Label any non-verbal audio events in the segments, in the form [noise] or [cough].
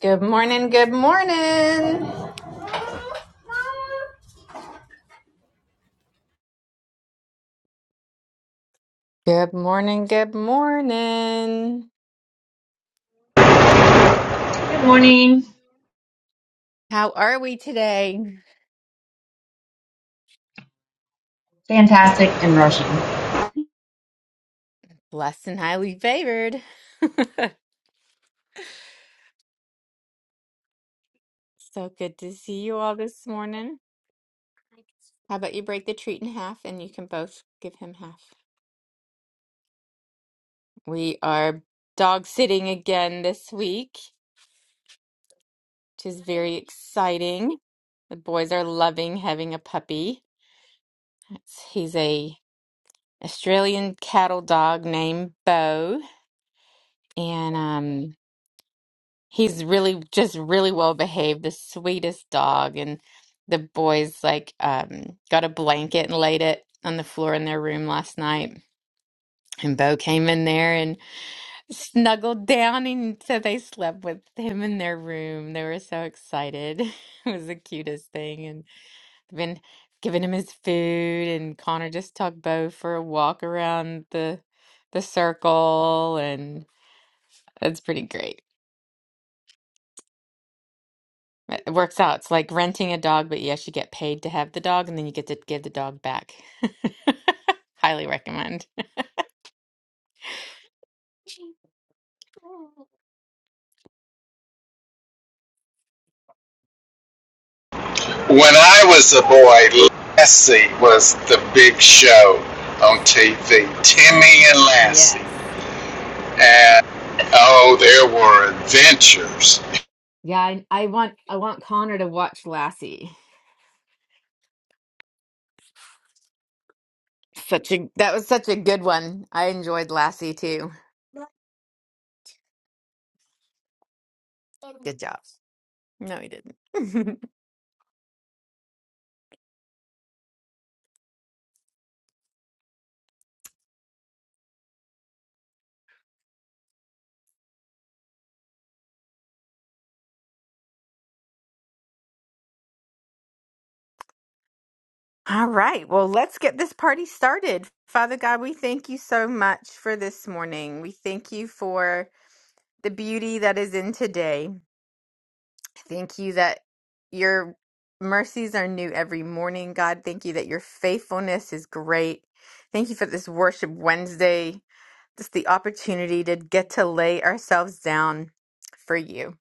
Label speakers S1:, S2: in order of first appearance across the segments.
S1: Good morning, good morning. Good morning, good morning.
S2: Good morning.
S1: How are we today?
S2: Fantastic and rushing.
S1: Blessed and highly favored. So good to see you all this morning. How about you break the treat in half and you can both give him half? We are dog sitting again this week, which is very exciting. The boys are loving having a puppy. It's- He's a Australian cattle dog named Bo. and um he's really just really well behaved the sweetest dog and the boys like um got a blanket and laid it on the floor in their room last night and Bo came in there and [laughs] snuggled down and so they slept with him in their room they were so excited [laughs] it was the cutest thing and they've been giving him his food and Connor just took Bo for a walk around the the circle and that's pretty great It it works out. It's like renting a dog, but yes, you actually get paid to have the dog, and then you get to give the dog back. [laughs] Highly recommend.
S3: When I was a boy, Lassie was the big show on TV. Timmy and Lassie.
S1: Yes.
S3: And oh, there were adventures.
S1: Yeah, I, I want I want Connor to watch Lassie. Such a that was such a good one. I enjoyed Lassie too. Good job. No, he didn't. [laughs] All right. Well, let's get this party started. Father God, we thank you so much for this morning. We thank you for the beauty that is in today. Thank you that your mercies are new every morning, God. Thank you that your faithfulness is great. Thank you for this worship Wednesday, just the opportunity to get to lay ourselves down for you,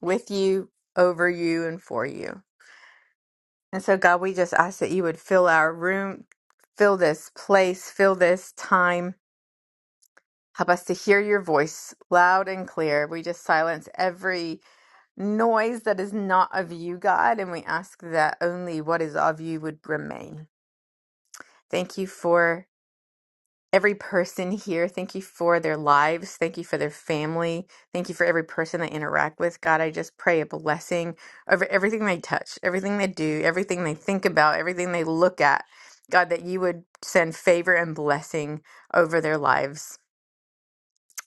S1: with you, over you, and for you. And so, God, we just ask that you would fill our room, fill this place, fill this time. Help us to hear your voice loud and clear. We just silence every noise that is not of you, God, and we ask that only what is of you would remain. Thank you for every person here. Thank you for their lives. Thank you for their family. Thank you for every person they interact with. God, I just pray a blessing over everything they touch, everything they do, everything they think about, everything they look at. God, that you would send favor and blessing over their lives.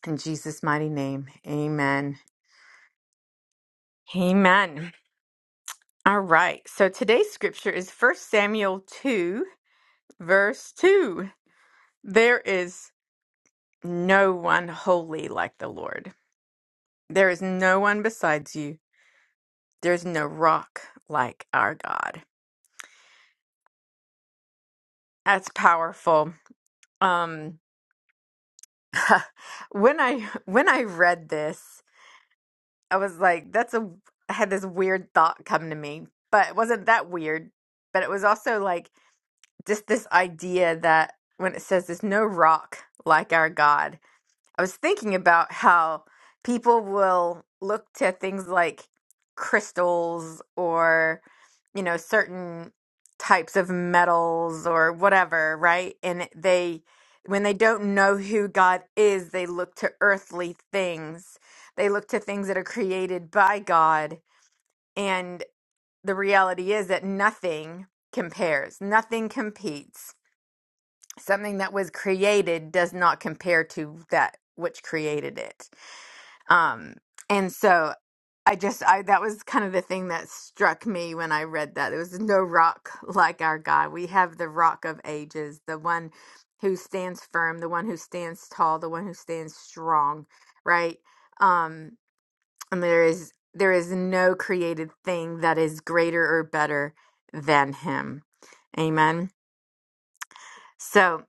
S1: In Jesus' mighty name, amen. Amen. All right. So today's scripture is First Samuel 2, verse 2. There is no one holy like the Lord. There is no one besides you. There's no rock like our God. That's powerful. Um [laughs] when I when I read this, I was like that's a I had this weird thought come to me, but it wasn't that weird, but it was also like just this idea that when it says there's no rock like our God, I was thinking about how people will look to things like crystals or, you know, certain types of metals or whatever, right? And it- they, when they don't know who God is, they look to earthly things. They look to things that are created by God. And the reality is that nothing compares, nothing competes. Something that was created does not compare to that which created it um, and so I just I that was kind of the thing that struck me when I read that. There was no rock [laughs] like our God. We have the rock of ages, the one who stands firm, the one who stands tall, the one who stands strong, right? Um, and there is there is no created thing that is greater or better than him. Amen. So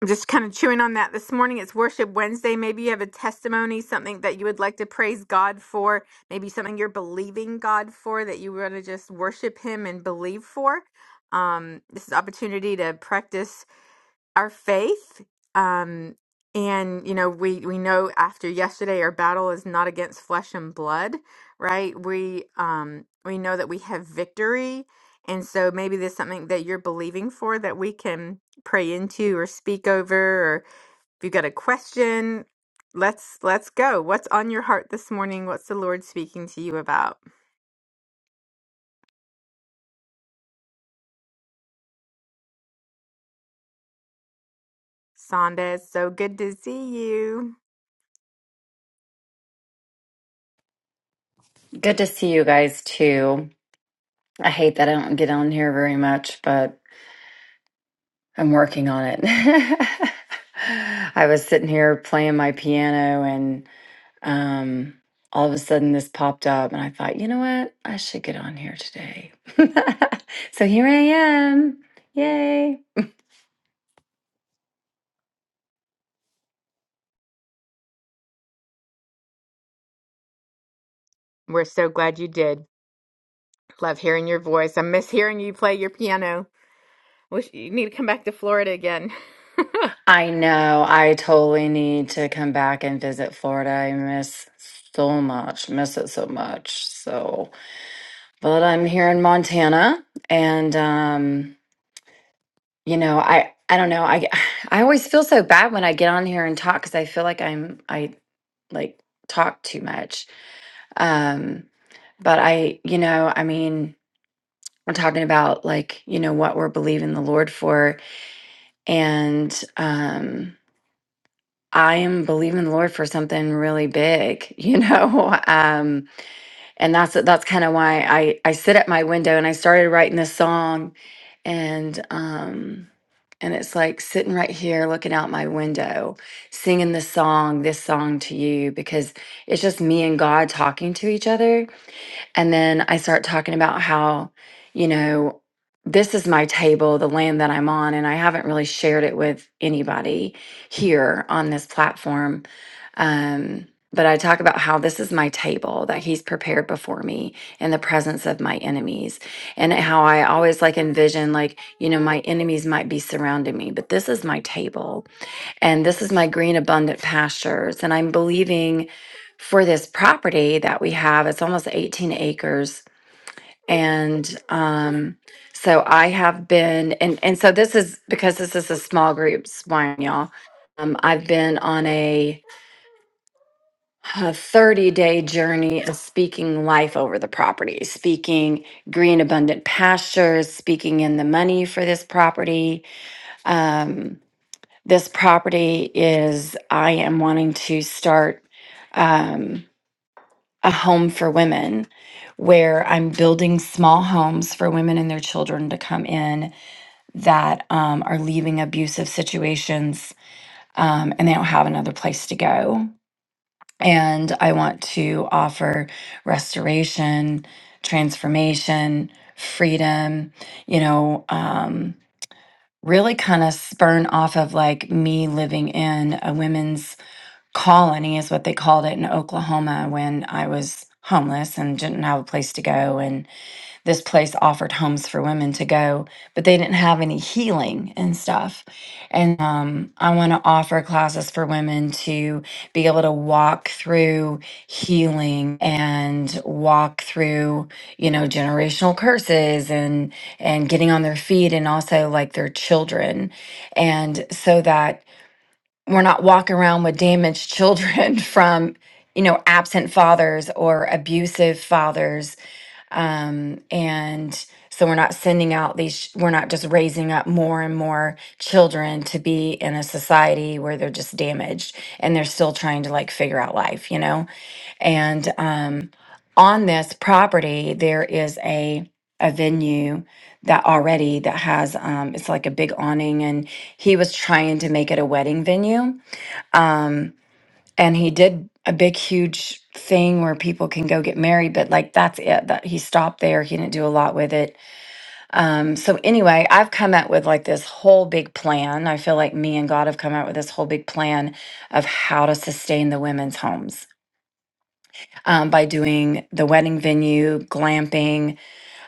S1: I'm just kind of chewing on that this morning. It's Worship Wednesday. Maybe you have a testimony, something that you would like to praise God for, maybe something you're believing God for that you want to just worship Him and believe for. Um, this is an opportunity to practice our faith um and you know we we know after yesterday our battle is not against flesh and blood right we um we know that we have victory and so maybe there's something that you're believing for that we can pray into or speak over or if you've got a question let's let's go what's on your heart this morning what's the lord speaking to you about sonda it's so good to see you
S4: Good to see you guys too. I hate that I don't get on here very much, but I'm working on it. [laughs] I was sitting here playing my piano and um all of a sudden this popped up and I thought, you know what? I should get on here today. [laughs] so here I am. Yay.
S1: we're so glad you did love hearing your voice i miss hearing you play your piano Wish you need to come back to Florida again.
S4: I know I totally need to come back and visit Florida. I miss so much, miss it so much. So, but I'm here in Montana and um you know i i don't know i [sighs] i always feel so bad when i get on here and talk because i feel like i'm i like talk too much um but i you know i mean we're talking about like you know what we're believing the lord for and um i am believing the lord for something really big [laughs] you know um and that's that's kind of why I I sit at my window and I started writing this song, and um, and it's like sitting right here looking out my window, singing this song, this song to you because it's just me and God talking to each other and then I start talking about how, you know, this is my table, the land that I'm on, and I haven't really shared it with anybody here on this platform. Um, but I talk about how this is my table that he's prepared before me in the presence of my enemies, and how I always like envision, like, you know, my enemies might be surrounding me, but this is my table and this is my green abundant pastures and i'm believing for this property that we have it's almost 18 acres and um so i have been and and so this is because this is a small group swine y'all um, i've been on a, a 30 day journey of speaking life over the property speaking green abundant pastures speaking in the money for this property Um, this property is I am wanting to start um, a home for women where I'm building small homes for women and their children to come in that um, are leaving abusive situations um, and they don't have another place to go. And I want to offer restoration, transformation, freedom, you know, um, really kind of spurn off of like me living in a women's colony is what they called it in Oklahoma when I was homeless and didn't have a place to go and this place offered homes for women to go but they didn't have any healing and stuff and um, i want to offer classes for women to be able to walk through healing and walk through you know generational curses and and getting on their feet and also like their children and so that we're not walking around with damaged children [laughs] from you know absent fathers or abusive fathers um, and so we're not sending out these we're not just raising up more and more children to be in a society where they're just damaged and they're still trying to like figure out life you know and um, on this property there is a a venue that already that has um, it's like a big awning and he was trying to make it a wedding venue um, and he did a big, huge thing where people can go get married, but like that's it. That he stopped there. He didn't do a lot with it. Um, so anyway, I've come up with like this whole big plan. I feel like me and God have come out with this whole big plan of how to sustain the women's homes. Um, by doing the wedding venue, glamping.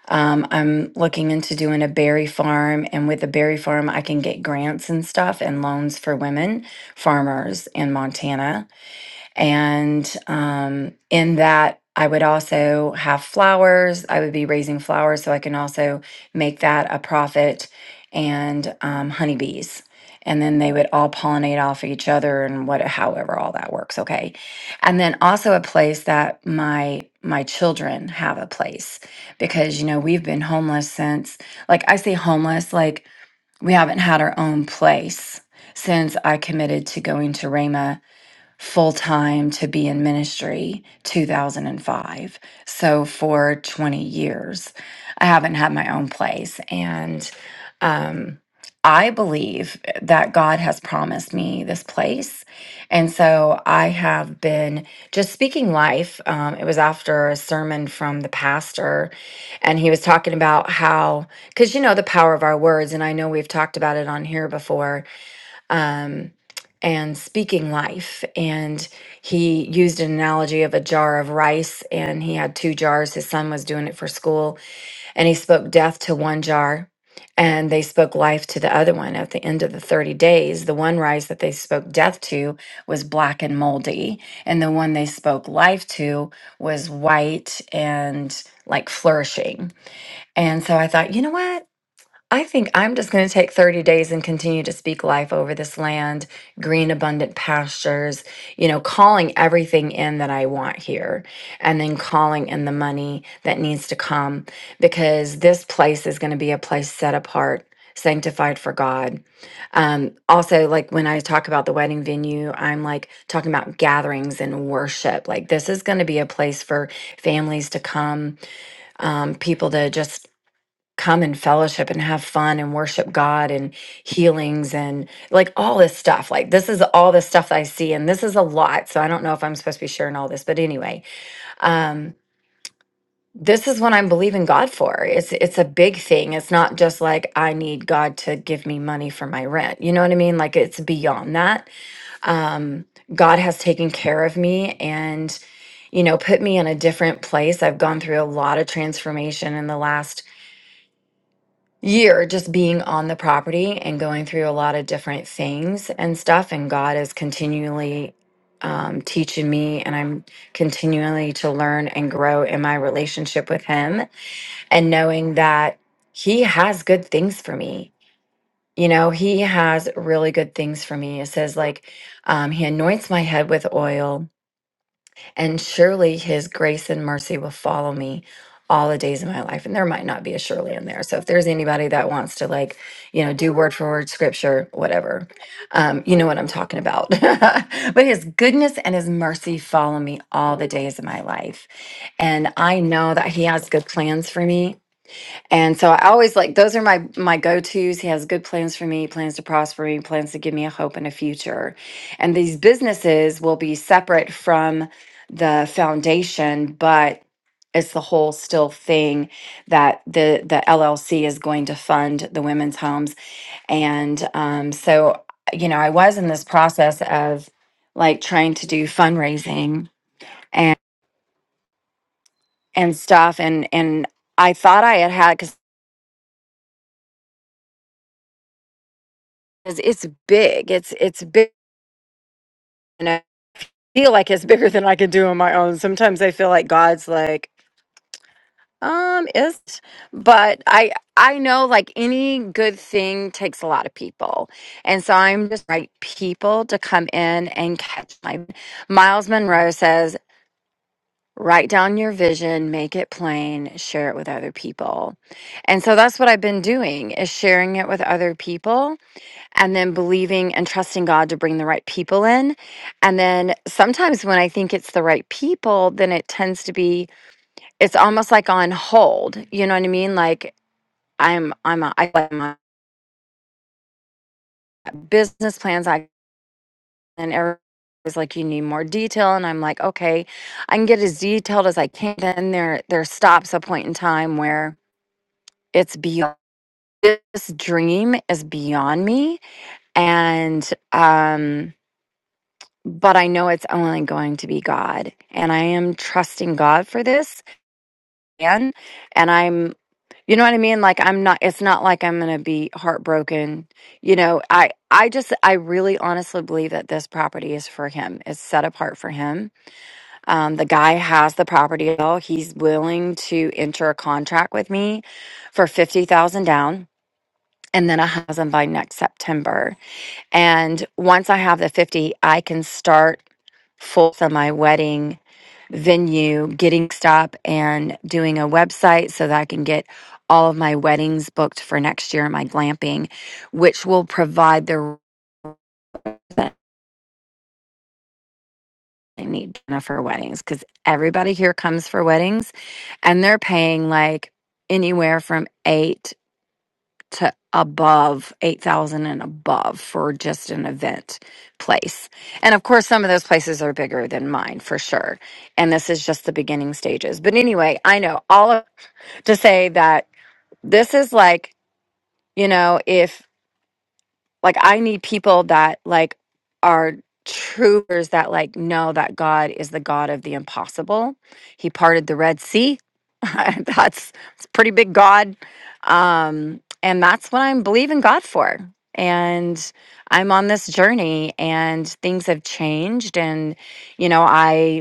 S4: Um, I'm looking into doing a berry farm, and with the berry farm, I can get grants and stuff and loans for women farmers in Montana and um, in that, I would also have flowers. I would be raising flowers, so I can also make that a profit and um, honeybees. And then they would all pollinate off of each other and what, however, all that works. Okay. And then also a place that my my children have a place because you know we've been homeless since like I say homeless like we haven't had our own place since I committed to going to Rhema full time to be in ministry 2005. So for 20 years, I haven't had my own place. And um, I believe that God has promised me this place. And so I have been just speaking life. Um, it was after a sermon from the pastor, and he was talking about how, because you know the power of our words, and I know we've talked about it on here before um, and speaking life. And he used an analogy of a jar of rice, and he had two jars. His son was doing it for school, and he spoke death to one jar. And they spoke life to the other one at the end of the 30 days. The one rice that they spoke death to was black and moldy. And the one they spoke life to was white and like flourishing. And so I thought, you know what? I think I'm just going to take 30 days and continue to speak life over this land, green, abundant pastures, you know, calling everything in that I want here, and then calling in the money that needs to come because this place is going to be a place set apart, sanctified for God. Um, also, like when I talk about the wedding venue, I'm like talking about gatherings and worship. Like, this is going to be a place for families to come, um, people to just come and fellowship and have fun and worship God and healings and like all this stuff. Like this is all the stuff that I see and this is a lot. So I don't know if I'm supposed to be sharing all this, but anyway, um this is what I'm believing God for. It's it's a big thing. It's not just like I need God to give me money for my rent. You know what I mean? Like it's beyond that. Um God has taken care of me and you know, put me in a different place. I've gone through a lot of transformation in the last year just being on the property and going through a lot of different things and stuff and god is continually um, teaching me and i'm continually to learn and grow in my relationship with him and knowing that he has good things for me you know he has really good things for me it says like um, he anoints my head with oil and surely his grace and mercy will follow me all the days of my life. And there might not be a surely in there. So if there's anybody that wants to like, you know, do word for word scripture, whatever, um, you know what I'm talking about. [laughs] but his goodness and his mercy follow me all the days of my life. And I know that he has good plans for me. And so I always like those are my my go-tos. He has good plans for me, plans to prosper me, plans to give me a hope and a future. And these businesses will be separate from the foundation, but it's the whole still thing that the the LLC is going to fund the women's homes. And um, so you know, I was in this process of like trying to do fundraising and and stuff and and I thought I had had because it's big. It's it's big and I feel like it's bigger than I can do on my own. Sometimes I feel like God's like, um, is, but I I know like any good thing takes a lot of people, and so I'm just right people to come in and catch my. Miles Monroe says. Write down your vision, make it plain, share it with other people. And so that's what I've been doing is sharing it with other people and then believing and trusting God to bring the right people in. And then sometimes when I think it's the right people, then it tends to be it's almost like on hold. You know what I mean? Like I'm I'm a, I got my business plans I and everybody's like you need more detail and I'm like okay, I can get as detailed as I can. Then there there stops a point in time where it's beyond this dream is beyond me and um but I know it's only going to be God. And I am trusting God for this. And and I'm you know what I mean? Like I'm not it's not like I'm gonna be heartbroken. You know, I I just I really honestly believe that this property is for him. It's set apart for him. Um, the guy has the property at all. He's willing to enter a contract with me for fifty thousand down and then a thousand by next September and once I have the 50, I can start full on my wedding venue, getting stuff, and doing a website so that I can get all of my weddings booked for next year, my glamping, which will provide the revenue that I need for weddings because everybody here comes for weddings and they're paying like anywhere from eight to above 8,000 and above for just an event place. And of course, some of those places are bigger than mine for sure. And this is just the beginning stages. But anyway, I know all of, to say that this is like, you know, if like I need people that like are troopers that like know that God is the God of the impossible. He parted the Red Sea. [laughs] that's it's a pretty big God. Um and that's what I'm believing God for. And I'm on this journey and things have changed and you know, I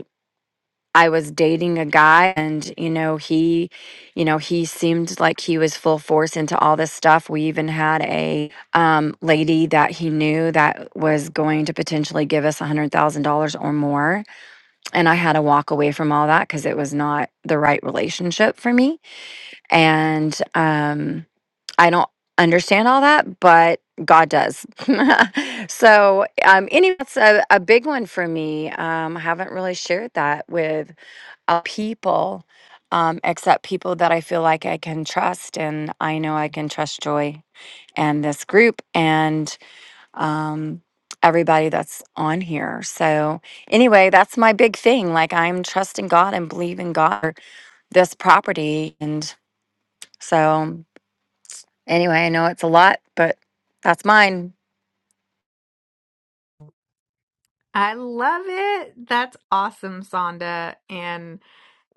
S4: I was dating a guy and you know he you know he seemed like he was full force into all this stuff. We even had a um lady that he knew that was going to potentially give us $100,000 or more and I had to walk away from all that cuz it was not the right relationship for me and um I don't understand all that but God does. [laughs] so um anyway that's a, a big one for me. Um I haven't really shared that with uh, people, um, except people that I feel like I can trust. And I know I can trust Joy and this group and um, everybody that's on here. So, anyway, that's my big thing. Like, I'm trusting God and believing God for this property. And so, anyway, I know it's a lot, but that's mine.
S1: I love it. That's awesome, Sonda. And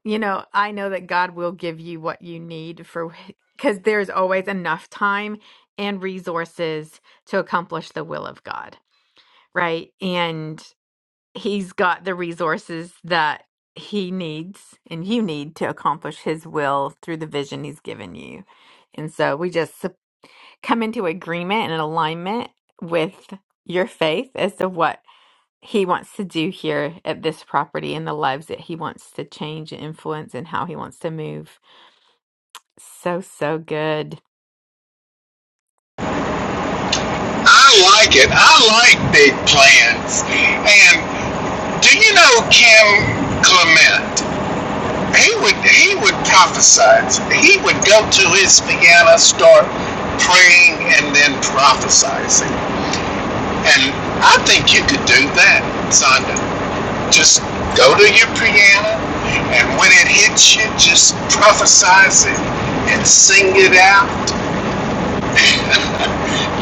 S1: you know, I know that God will give you what you need for because there's always enough time and resources to accomplish the will of God, right? And He's got the resources that He needs and you need to accomplish His will through the vision He's given you. And so we just come into agreement and alignment with your faith as to what he wants to do here at this property and the lives that he wants to change and influence and how he wants to move. So, so good.
S3: I like it. I like big plans. And do you know Kim Clement? He would he would prophesize. He would go to his piano, start praying, and then prophesizing. And I think you could do that, Sonda. Just go to your piano, and when it hits you, just prophesize it and sing it out. [laughs]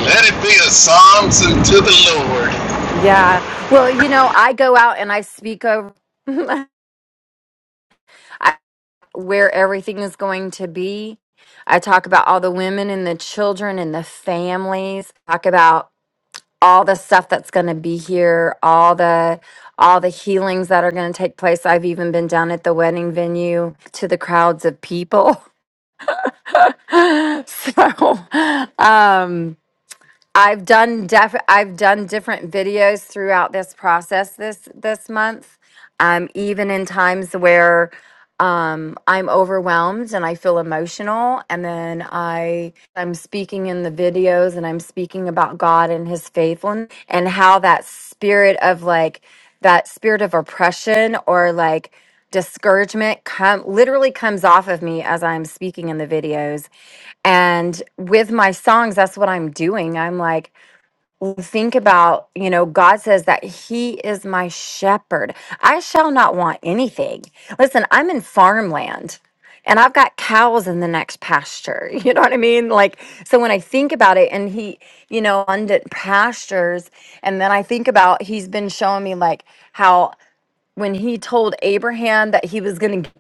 S3: Let it be a psalms unto the Lord.
S4: Yeah. Well, you know, I go out and I speak over. [laughs] I where everything is going to be. I talk about all the women and the children and the families. Talk about all the stuff that's going to be here, all the all the healings that are going to take place. I've even been down at the wedding venue to the crowds of people. [laughs] so, um I've done def- I've done different videos throughout this process this this month um, even in times where um, I'm overwhelmed and I feel emotional, and then I I'm speaking in the videos and I'm speaking about God and His faithfulness and how that spirit of like that spirit of oppression or like discouragement come literally comes off of me as I'm speaking in the videos and with my songs, that's what I'm doing. I'm like, think about, you know, God says that He is my shepherd. I shall not want anything. Listen, I'm in farmland and I've got cows in the next pasture. [laughs] You know what I mean? Like, so when I think about it and He, you know, abundant pastures, and then I think about He's been showing me like how when He told Abraham that He was going to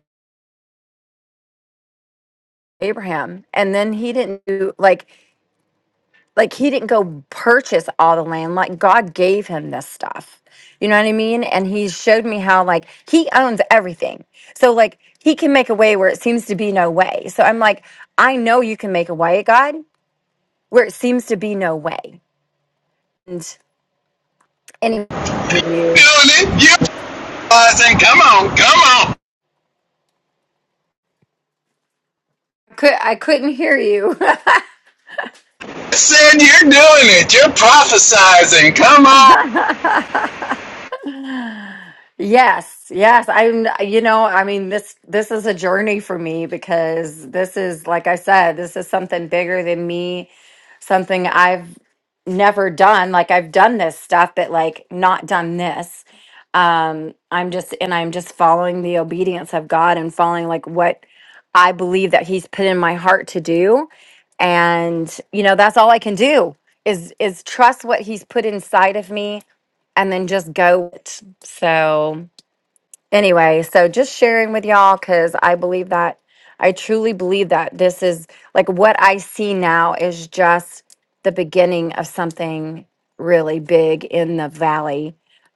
S4: Abraham and then he didn't do like like he didn't go purchase all the land like god gave him this stuff you know what i mean and he showed me how like he owns everything so like he can make a way where it seems to be no way so i'm like i know you can make a way god where it seems to be no way and anyway with you
S3: Doing it, you're prophesizing. Come on, come on.
S4: could i couldn't hear you
S3: I said you're doing it. You're prophesizing. Come on.
S4: [laughs] yes yes i'm you know i mean this this is a journey for me because this is like i said this is something bigger than me something I've never done. Like I've done this stuff, but like not done this. Um, I'm just and I'm just following the obedience of God and following like what I believe that He's put in my heart to do. And you know, that's all I can do is is trust what He's put inside of me and then just go with it. So anyway, so just sharing with y'all because I believe that I truly believe that this is like what I see now is just the beginning of something really big in the valley.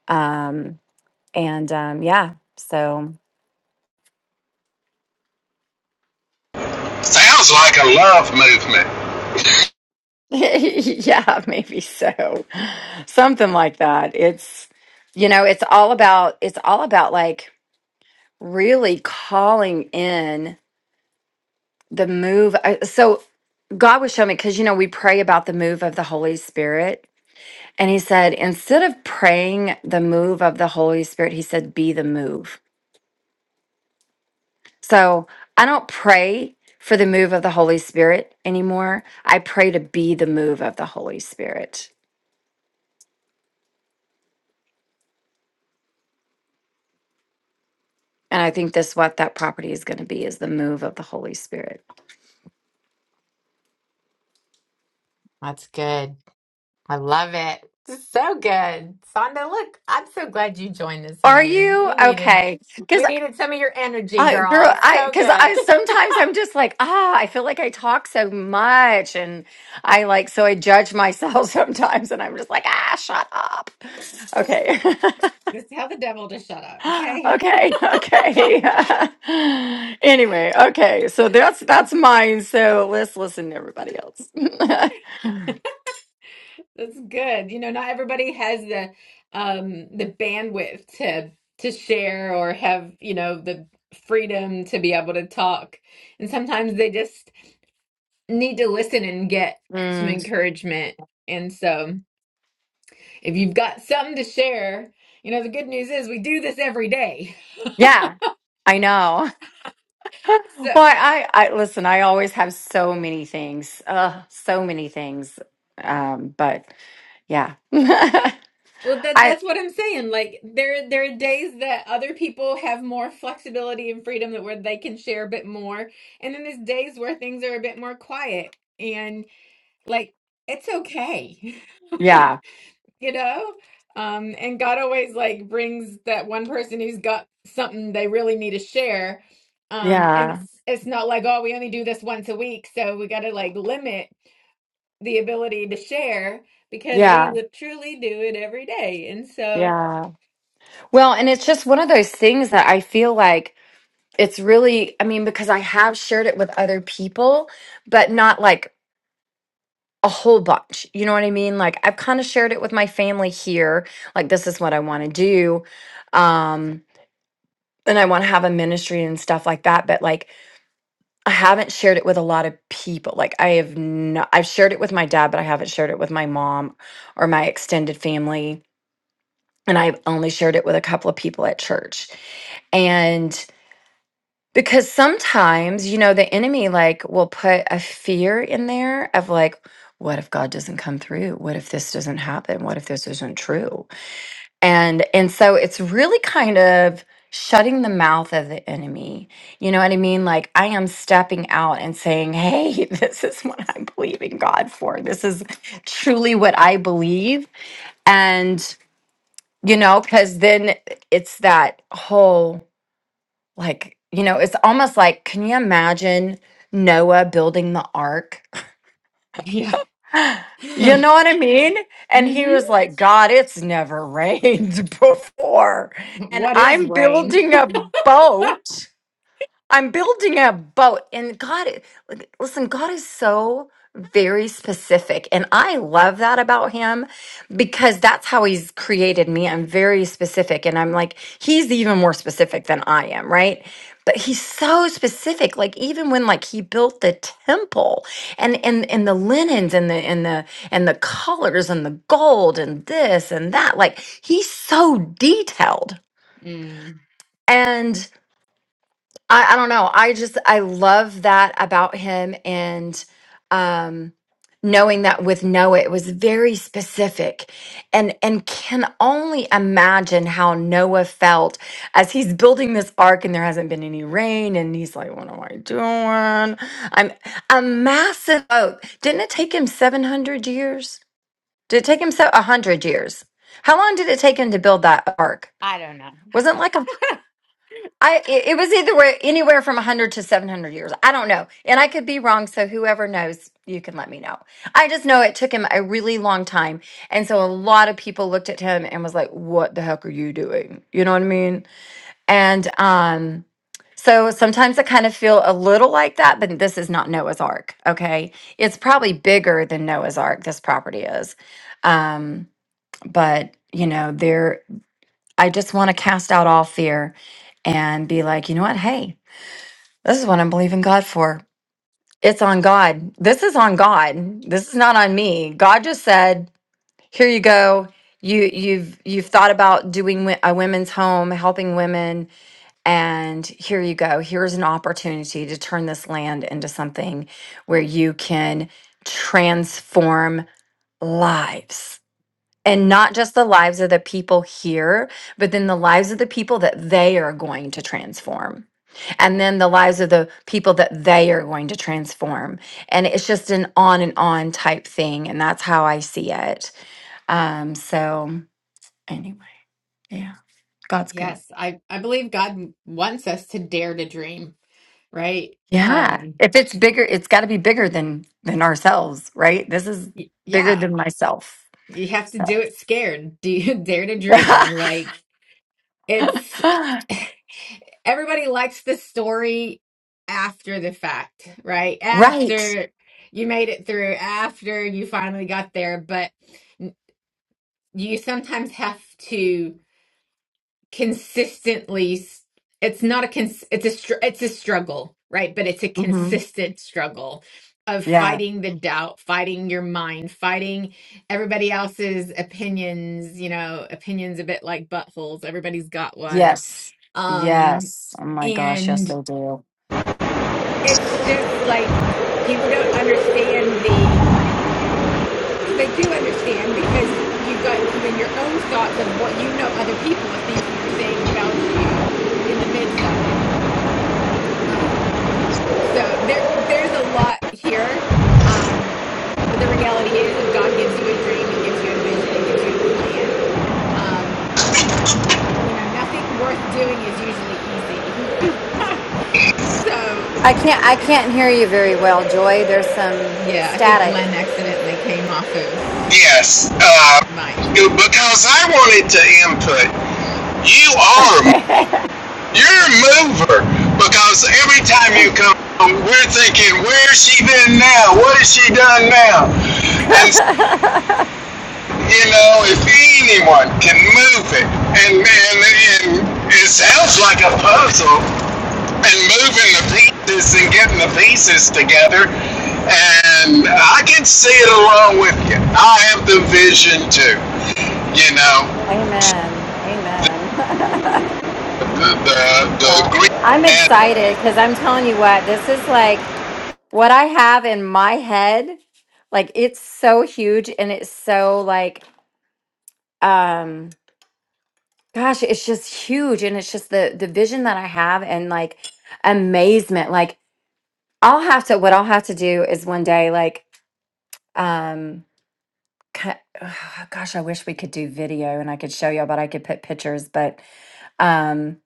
S4: Um, and um, yeah, so
S3: Sounds like a love movement.
S4: [laughs] yeah, maybe so. Something like that. It's you know, it's all about it's all about like really calling in the move I, so god was showing me because you know we pray about the move of the holy spirit and he said instead of praying the move of the holy spirit he said be the move so i don't pray for the move of the holy spirit anymore i pray to be the move of the holy spirit and i think that's what that property is going to be is the move of the holy spirit
S1: That's good. I love it. So good. Sonda, look, I'm so glad you joined this
S4: are
S1: morning.
S4: you
S1: We needed
S4: okay Because.
S1: we needed some of your energy,
S4: I girl,
S1: girl. It's
S4: I
S1: so
S4: because I
S1: good.
S4: sometimes I'm just like, ah, I feel like I talk so much, and I like so I judge myself [laughs] sometimes, and I'm just like, ah, shut up. Okay,
S1: [laughs] Just tell the devil to shut up,
S4: [laughs]
S1: okay?
S4: okay, okay. [laughs] anyway, okay, so that's that's mine. So let's listen to everybody else. [laughs]
S1: That's good. You know, not everybody has the um the bandwidth to to share or have, you know, the freedom to be able to talk. And sometimes they just need to listen and get some
S4: Mm,
S1: encouragement. And so, if you've got something to share, you know, the good news is we do this every day. [laughs]
S4: yeah, I know. [laughs] Well,
S1: So.
S4: I, I, I listen. I always have so many things, uh, so many things. Um, but yeah. [laughs]
S1: Well, that
S4: I
S1: that's what I'm saying. Like there there are days that other people have more flexibility and freedom that where they can share a bit more. And then there's days where things are a bit more quiet and like it's okay. [laughs]
S4: yeah,
S1: You know? Um and God always like brings that one person who's got something they really need to share. Um and
S4: yeah,
S1: it's it's not like, oh, we only do this once a week, so we got to like limit the ability to share because we
S4: yeah,
S1: li- truly do it every day. And so
S4: yeah. Well, and it's just one of those things that I feel like it's really, I mean, because I have shared it with other people, but not like a whole bunch. You know what I mean? Like I've kind of shared it with my family here, like this is what I want to do. Um and I want to have a ministry and stuff like that, but like I haven't shared it with a lot of people. Like I have not I've shared it with my dad, but I haven't shared it with my mom or my extended family and I've only shared it with a couple of people at church. And because sometimes, you know, the enemy like will put a fear in there of like, what if God doesn't come through? What if this doesn't happen? What if this isn't true? And and so it's really kind of shutting the mouth of the enemy. You know what I mean? Like I am stepping out and saying, "Hey, [laughs] this is what I'm believing God for. This is truly what I believe." and you know, because then it's that whole like, you know, it's almost like, can you imagine Noah building the ark? [gasps]
S1: Yeah.
S4: [laughs] You
S1: [laughs]
S4: know what I mean? And he
S1: hmm
S4: was like, God, it's never rained [laughs] before. And
S1: What is
S4: I'm
S1: rain?
S4: building a boat. I'm building a boat, and God, like, listen, God is so very specific, and I love that about Him because that's how He's created me. I'm very specific, and I'm like He's even more specific than I am, right? But He's so specific. Like even when like He built the temple, and and and the linens, and the and the and the colors, and the gold, and this and that. Like He's so detailed,
S1: Mm,
S4: I, I don't know. I just I love that about him and um knowing that with Noah it was very specific and and can only imagine how Noah felt as he's building this ark and there hasn't been any rain and he's like, What am I doing? I'm a massive boat. Didn't it take him seven hundred years? Did it take him so a hundred years? How long did it take him to build that ark?
S1: I don't know.
S4: Wasn't like a I it was either way, anywhere from 100 to 700 years. I don't know. And I could be wrong, so whoever knows, you can let me know. I just know it took him a really long time. And so a lot of people looked at him and was like, "What the heck are you doing?" You know what I mean? And um so sometimes I kind of feel a little like that, but this is not Noah's Ark, okay? It's probably bigger than Noah's Ark this property is. Um but you know, there. I just want to cast out all fear and be like, you know what? Hey, this is what I'm believing God for. It's on God. This is on God. This is not on me. God just said, here you go. You you've you've thought about doing wi- a women's home, helping women, and here you go. Here's an opportunity to turn this land into something where you can transform lives and not just the lives of the people here, but then the lives of the people that they are going to transform. And then the lives of the people that they are going to transform. And it's just an on and on type thing. And that's how I see it. Um, so, anyway, yeah, God's good.
S1: Yes, I, I believe God wants us to dare to dream, right?
S4: Yeah.
S1: Um,
S4: If it's bigger, it's got to be bigger than than ourselves, right? This is
S1: y-
S4: bigger
S1: yeah,
S4: than myself.
S1: you have to do
S4: So,
S1: it scared. Do you [laughs] dare to dream? Like it's
S4: [laughs]
S1: [sighs] [laughs] everybody likes the story after the fact, right?
S4: right.
S1: After you made it through, after you finally got there, but you sometimes have to. consistently s- it's not a cons it's a str- it's a struggle right but it's a
S4: hmm
S1: consistent struggle of
S4: Yeah.
S1: fighting the doubt fighting your mind fighting everybody else's opinions you know opinions a bit like buttholes everybody's got one
S4: Yes.
S1: um
S4: Yes. Oh my gosh, yes
S1: and
S4: they do.
S1: it's just like people don't understand the they do understand because you've got even your own thoughts of what you know other people are thinking or saying about you in the midst of it Um, so there there's a lot here. Um, but the reality is if God gives you a dream, he gives you a vision, he gives you a plan. Um, you know, nothing worth doing is usually easy. [laughs] so
S4: I can't I
S1: it's,
S4: can't hear you very well, Joy. There's some
S1: yeah, I think
S4: static.
S1: Len accidentally came off of
S3: Yes. Uh,
S1: Mike.
S3: because I wanted to input. You are
S4: Okay.
S3: You're a mover because every time you come, we're thinking, where's she been now? What has she done now? And
S4: [laughs]
S3: you know, if anyone can move it, and and, and it sounds like a puzzle, and moving the pieces and getting the pieces together, and I can see it along with you. I have the vision too. You know,
S4: Mm, Amen. Amen. [laughs]
S3: the the,
S4: Yeah.
S3: the green
S4: I'm
S3: man
S4: excited cuz I'm telling you what, this is like what I have in my head. Like it's so huge and it's so like um gosh, it's just huge and it's just the the vision that I have and like amazement. Like I'll have to what I'll have to do is one day like um ki- [sighs] gosh, I wish we could do video and I could show y'all, but I could put pictures. But um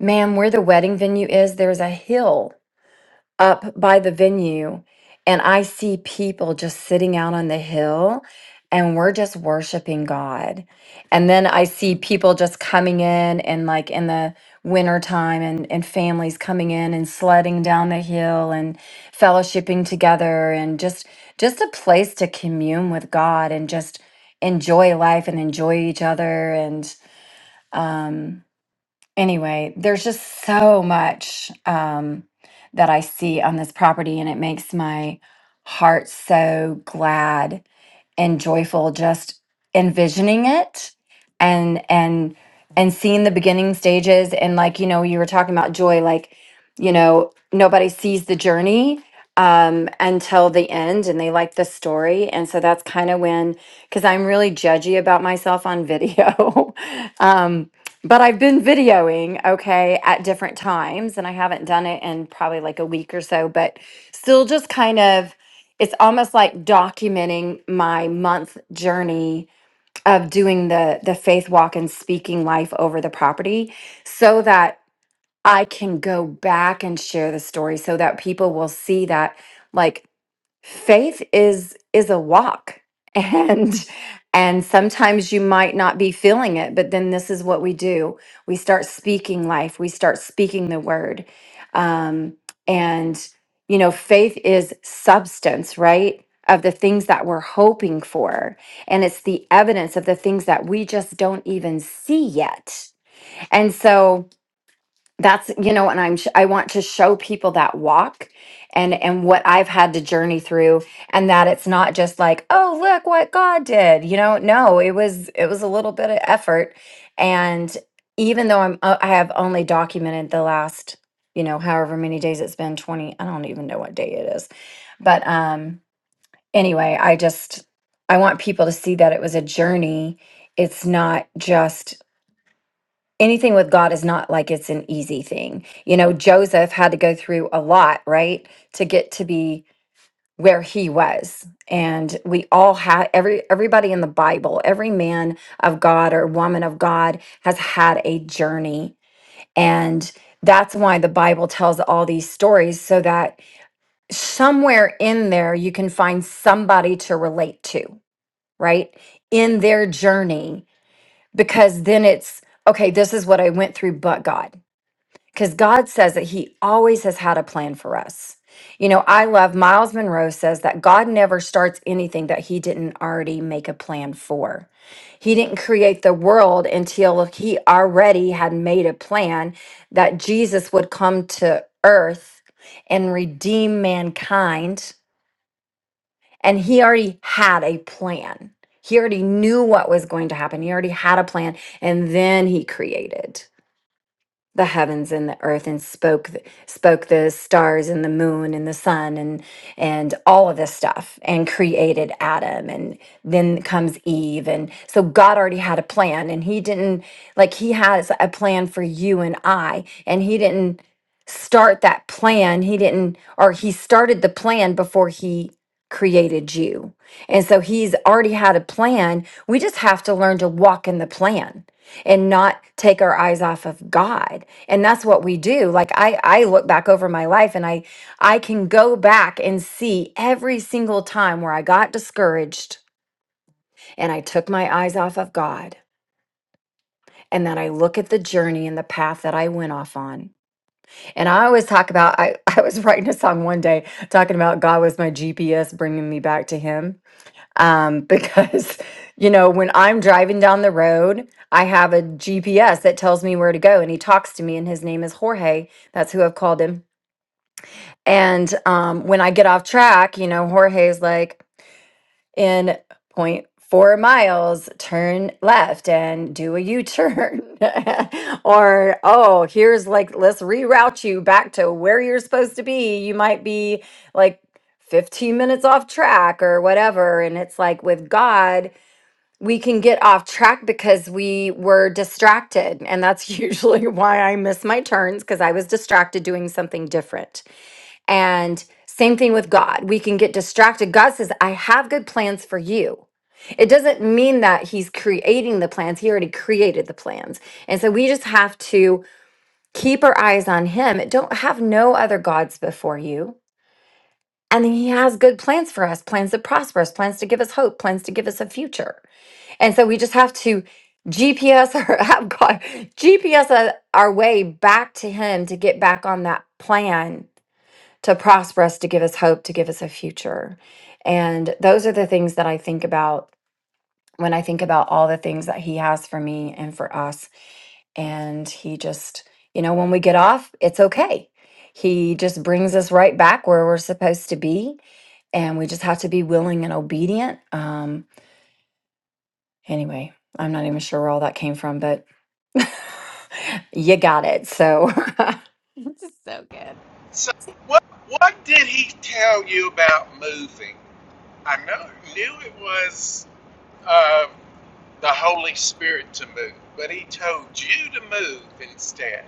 S4: ma'am, where the wedding venue is, there's a hill up by the venue and I see people just sitting out on the hill and we're just worshiping God. And then I see people just coming in and like in the wintertime and, and families coming in and sledding down the hill and fellowshipping together and just just a place to commune with God and just enjoy life and enjoy each other and um, anyway, there's just so much um, that I see on this property, and it makes my heart so glad and joyful just envisioning it and and and seeing the beginning stages and like you know you were talking about joy like you know nobody sees the journey um until the end and they like the story and so that's kind of when because i'm really judgy about myself on video [laughs] um but i've been videoing okay at different times and i haven't done it in probably like a week or so but still just kind of it's almost like documenting my month journey of doing the the faith walk and speaking life over the property so that I can go back and share the story so that people will see that like faith is is a walk [laughs] and and sometimes you might not be feeling it but then this is what we do we start speaking life we start speaking the word um and you know faith is substance right of the things that we're hoping for and it's the evidence of the things that we just don't even see yet and so that's you know and i'm sh- i want to show people that walk and and what i've had to journey through and that it's not just like oh look what god did you know no it was it was a little bit of effort and even though i'm uh, i have only documented the last you know however many days it's been 20 i don't even know what day it is but um anyway i just i want people to see that it was a journey it's not just anything with God is not like it's an easy thing. You know, Joseph had to go through a lot, right, to get to be where he was. And we all had every everybody in the Bible, every man of God or woman of God has had a journey. And that's why the Bible tells all these stories so that somewhere in there you can find somebody to relate to, right? In their journey because then it's okay, this is what I went through but God because God says that He always has had a plan for us. You know, I love Miles Monroe says that God never starts anything that He didn't already make a plan for. He didn't create the world until He already had made a plan that Jesus would come to earth and redeem mankind. And He already had a plan. He already knew what was going to happen. He already had a plan. And then He created the heavens and the earth and spoke th- spoke the stars and the moon and the sun and and all of this stuff and created Adam and then comes Eve and so God already had a plan and he didn't like he has a plan for you and I and he didn't start that plan he didn't or he started the plan before he created you and so he's already had a plan we just have to learn to walk in the plan and not take our eyes off of God and that's what we do like i i look back over my life and i i can go back and see every single time where i got discouraged and i took my eyes off of god and then i look at the journey and the path that i went off on and i always talk about i [laughs] i was writing a song one day talking about god was my gps bringing me back to him um because [laughs] you know when i'm driving down the road i have a gps that tells me where to go and he talks to me and his name is jorge that's who i've called him And um, when I get off track, you know, Jorge's like, in point four miles, turn left and do a U turn. [laughs] or, oh, here's like, let's reroute you back to where you're supposed to be. You might be like 15 minutes off track or whatever. And it's like with God, we can get off track because we were distracted. And that's [laughs] usually why I miss my turns because I was distracted doing something different. And same thing with God. We can get distracted. God says, I have good plans for you. It doesn't mean that he's creating the plans. He already created the plans. And so we just have to keep our eyes on him. Don't have no other gods before you. And he has good plans for us, plans to prosper us, plans to give us hope, plans to give us a future. And so we just have to GPS or [laughs] have God GPS our our way back to him to get back on that plan to prosper us, to give us hope, to give us a future. And those are the things that I think about when I think about all the things that He has for me and for us. And He just, you know, when we get off, it's okay. He just brings us right back where we're supposed to be. And we just have to be willing and obedient. Um, anyway, I'm not even sure where all that came from, but [laughs] you got it. So [laughs]
S1: [laughs] This is so good.
S3: So what what did he tell you about moving? I know knew it was uh, the Holy Spirit to move, but he told you to move instead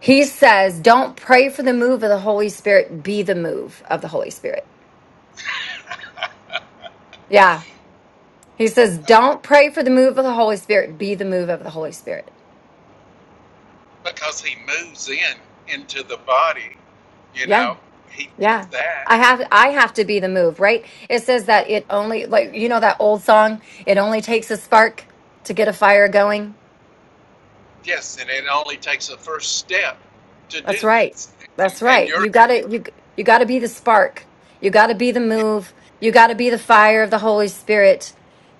S4: He says, don't pray for the move of the Holy Spirit, be the move of the Holy Spirit. Yeah. He says, don't pray for the move of the Holy Spirit, be the move of the Holy Spirit.
S3: because he moves in into the body. You
S4: Yeah.
S3: know he
S4: Yeah.
S3: that
S4: I have I have to be the move, right? It says that it only like you know that old song, it only takes a spark to get a fire going.
S3: yes, and it only takes the first step to do
S4: That's right.
S3: this, and,
S4: That's
S3: and
S4: right.
S3: you're
S4: You gotta you you gotta be the spark. You gotta be the
S3: you,
S4: move. You gotta be the fire of the Holy Spirit.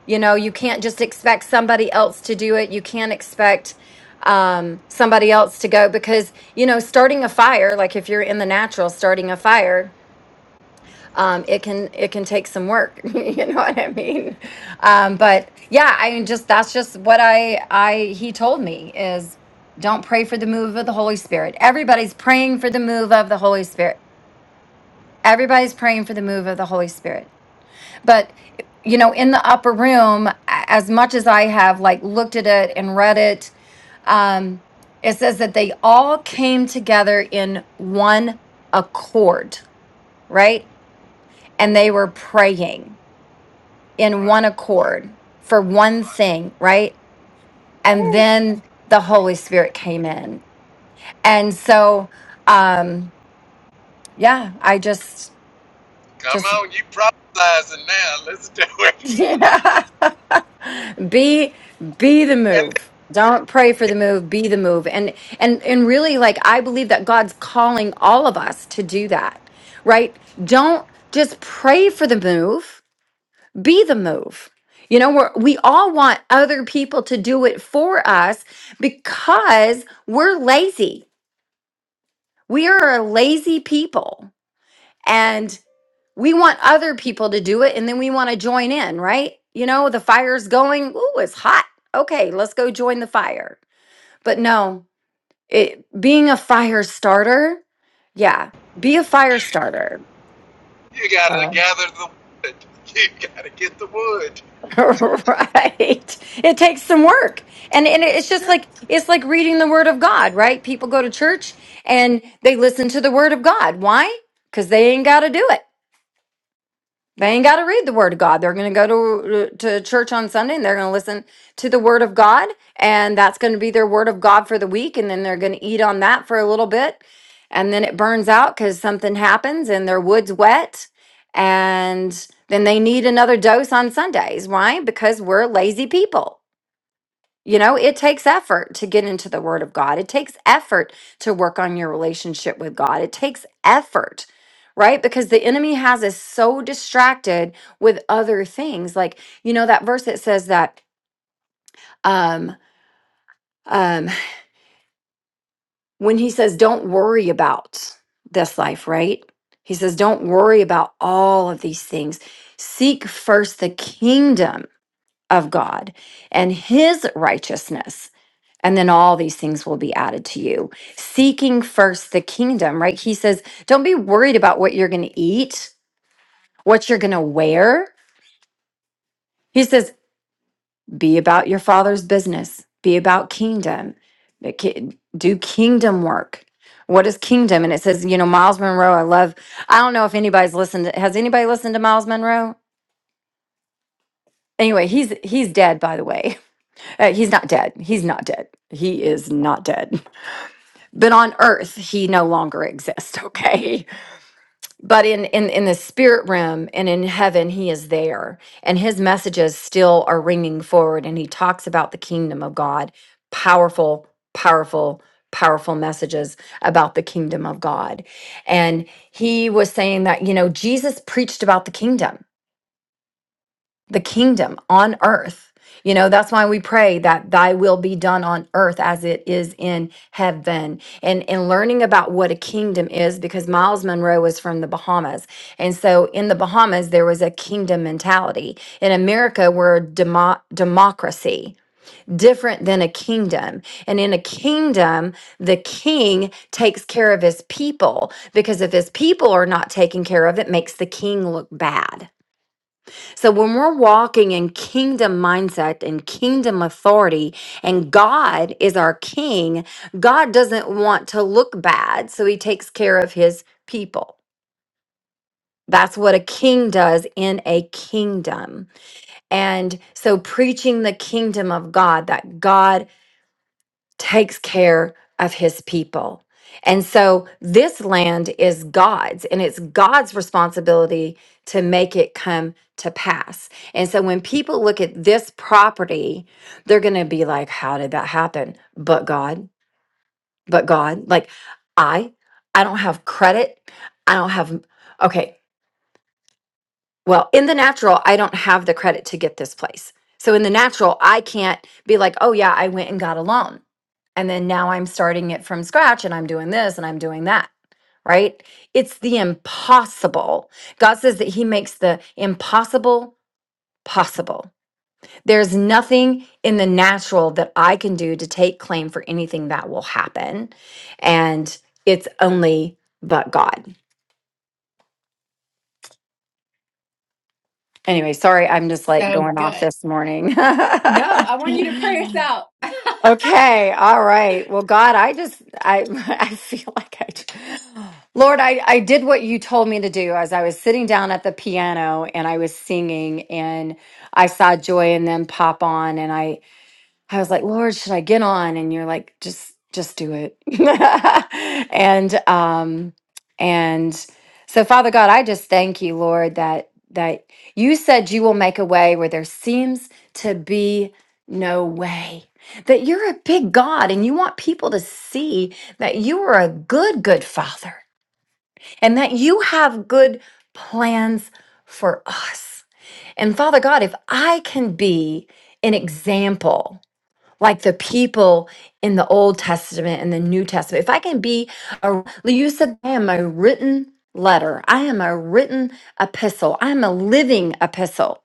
S4: You know, you can't just expect somebody else to do it. You can't expect um somebody else to go because you know starting a fire like if you're in the natural starting a fire um, it can it can take some work. [laughs] you know what I mean? Um, but yeah, I mean, just that's just what I I he told me is don't pray for the move of the Holy Spirit. Everybody's praying for the move of the Holy Spirit. Everybody's praying for the move of the Holy Spirit. But you know, in the upper room, a- as much as I have like looked at it and read it, um, it says that they all came together in one accord, right? And they were praying in
S3: right,
S4: one accord for one
S3: right.
S4: thing, right? And
S3: Woo!
S4: then the Holy Spirit came in. And so um yeah, I just
S3: Come
S4: just
S3: on, you prophesizing now. Let's do
S4: [laughs]
S3: it.
S4: yeah. be be the
S3: [laughs] and.
S4: move. Don't pray for the move, be the move. And and and really like I believe that God's calling all of us to do that. Right? Don't just pray for the move be the move. You know, we're, we all want other people to do it for us because we're lazy. We are a lazy people and we want other people to do it and then we want to join in, right? You know, the fire's going, ooh, it's hot. Okay, let's go join the fire. But no, it being a fire starter, yeah, be a fire starter.
S3: You gotta gather the wood. You gotta get the wood.
S4: [laughs] right. It takes some work. And and it's just like it's like reading the word of God, right? People go to church and they listen to the word of God. Why? Cuz they ain't got to do it. They ain't got to read the Word of God. They're going to go to to church on Sunday and they're going to listen to the Word of God, and that's going to be their Word of God for the week. And then they're going to eat on that for a little bit, and then it burns out because something happens and their wood's wet, and then they need another dose on Sundays. Why? Because we're lazy people. You know, it takes effort to get into the Word of God. It takes effort to work on your relationship with God. It takes effort, right? Because the enemy has us so distracted with other things. Like, you know, that verse that says that um, um, when he says, don't worry about this life, right? He says, don't worry about all of these things. Seek first the kingdom of God and his righteousness. And then all these things will be added to you. Seeking first the kingdom, right? He says, don't be worried about what you're going to eat, what you're going to wear. He says, be about your father's business, be about kingdom, Make it- do kingdom work. What is kingdom? And it says, you know, Miles Monroe, I love, I don't know if anybody's listened. To, has anybody listened to Miles Monroe? Anyway, he's he's dead, by the way. [laughs] Uh, he's not dead. He's not dead. He is not dead [laughs] but on earth he no longer exists okay [laughs] but in in in the spirit realm and in heaven he is there and his messages still are ringing forward and he talks about the kingdom of god powerful powerful powerful messages about the kingdom of god and he was saying that you know jesus preached about the kingdom the kingdom on earth. You know, that's why we pray that thy will be done on earth as it is in heaven. And and learning about what a kingdom is because Miles Monroe was from the Bahamas. And so in the Bahamas there was a kingdom mentality. In America we're a demo- democracy different than a kingdom. And in a kingdom the king takes care of his people because if his people are not taken care of it makes the king look bad so when we're walking in kingdom mindset and kingdom authority, and God is our king, God doesn't want to look bad, so he takes care of his people. That's what a king does in a kingdom. And so preaching the kingdom of God that God takes care of his people. And so this land is God's, and it's God's responsibility to make it come to pass. And so when people look at this property, they're going to be like, How did that happen? But God, but God, like I, I don't have credit. I don't have, okay, well, in the natural, I don't have the credit to get this place. So in the natural, I can't be like, Oh, yeah, I went and got a loan and then now I'm starting it from scratch and I'm doing this and I'm doing that, right? It's the impossible. God says that He makes the impossible possible. There's nothing in the natural that I can do to take claim for anything that will happen. And it's only but God. Anyway, sorry, I'm just like
S1: So
S4: going off
S1: good.
S4: this morning.
S1: No,
S4: [laughs]
S1: I want you to pray us out. [laughs]
S4: Okay, all right. Well, God, I just I [laughs] I feel like I j- Lord, I I did what you told me to do as I was sitting down at the piano and I was singing and I saw joy and them pop on and I I was like, Lord, should I get on? And you're like, just just do it. [laughs] and um and so Father God, I just thank you, Lord, that that you said you will make a way where there seems to be no way. That you're a big God and you want people to see that you are a good, good father and that you have good plans for us. And Father God, if I can be an example like the people in the Old Testament and the New Testament. If I can be a you said I am a written letter. I am a written epistle. I am a living epistle.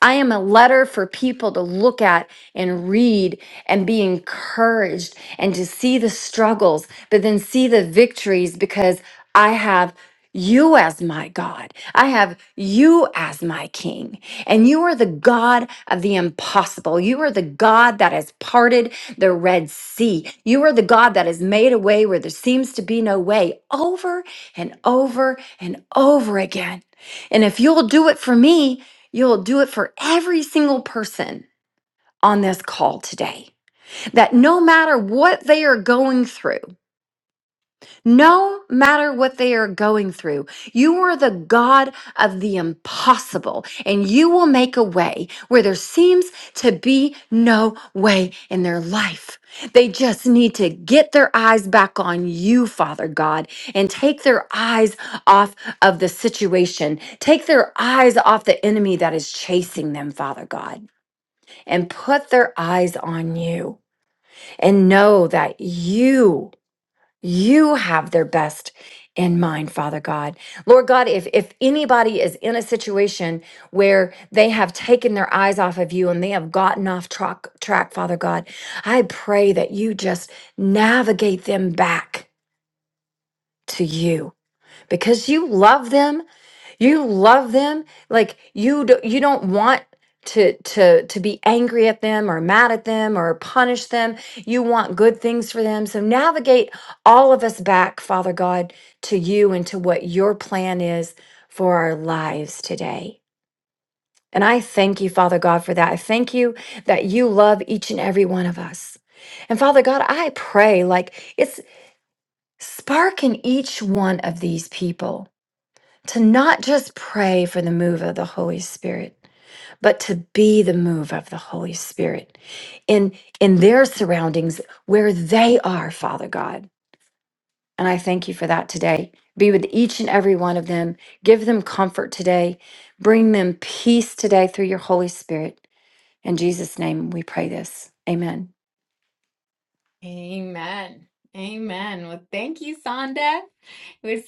S4: I am a letter for people to look at and read and be encouraged and to see the struggles, but then see the victories because I have you as my God. I have you as my King. And you are the God of the impossible. You are the God that has parted the Red Sea. You are the God that has made a way where there seems to be no way over and over and over again. And if you'll do it for me, You'll do it for every single person on this call today. That no matter what they are going through, no matter what they are going through, you are the God of the impossible, and you will make a way where there seems to be no way in their life. They just need to get their eyes back on you, Father God, and take their eyes off of the situation. Take their eyes off the enemy that is chasing them, Father God and put their eyes on you and know that you you have their best in mind father god lord god if if anybody is in a situation where they have taken their eyes off of you and they have gotten off track track father god i pray that you just navigate them back to you because you love them you love them like you do, you don't want to to to be angry at them or mad at them or punish them you want good things for them so navigate all of us back father god to you and to what your plan is for our lives today and i thank you father god for that i thank you that you love each and every one of us and father god i pray like it's sparking each one of these people to not just pray for the move of the Holy Spirit, but to be the move of the Holy Spirit in in their surroundings where they are, Father God. And I thank you for that today. Be with each and every one of them. Give them comfort today. Bring them peace today through your Holy Spirit. In Jesus' name we pray this. Amen.
S1: Amen. Amen. Well, thank you, Sonda. It was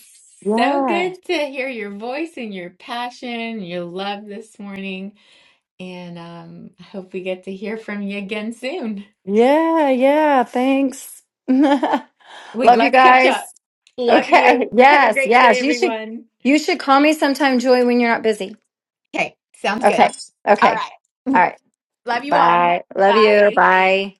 S1: so
S4: Yeah.
S1: good to hear your voice and your passion, your love this morning. And um, I hope we get to hear from you again soon.
S4: Yeah. Yeah. Thanks. [laughs] Love
S1: Wait,
S4: you
S1: let's catch
S4: guys.
S1: up. Love
S4: Okay.
S1: you. Have a
S4: Yes,
S1: great day,
S4: yes. You should
S1: everyone.
S4: you should call me sometime, Joy, when you're not busy.
S1: Okay, sounds
S4: Okay.
S1: good. All
S4: Okay.
S1: right.
S4: All right.
S1: Love you all.
S4: Bye. Love you.
S1: Bye.
S4: Bye.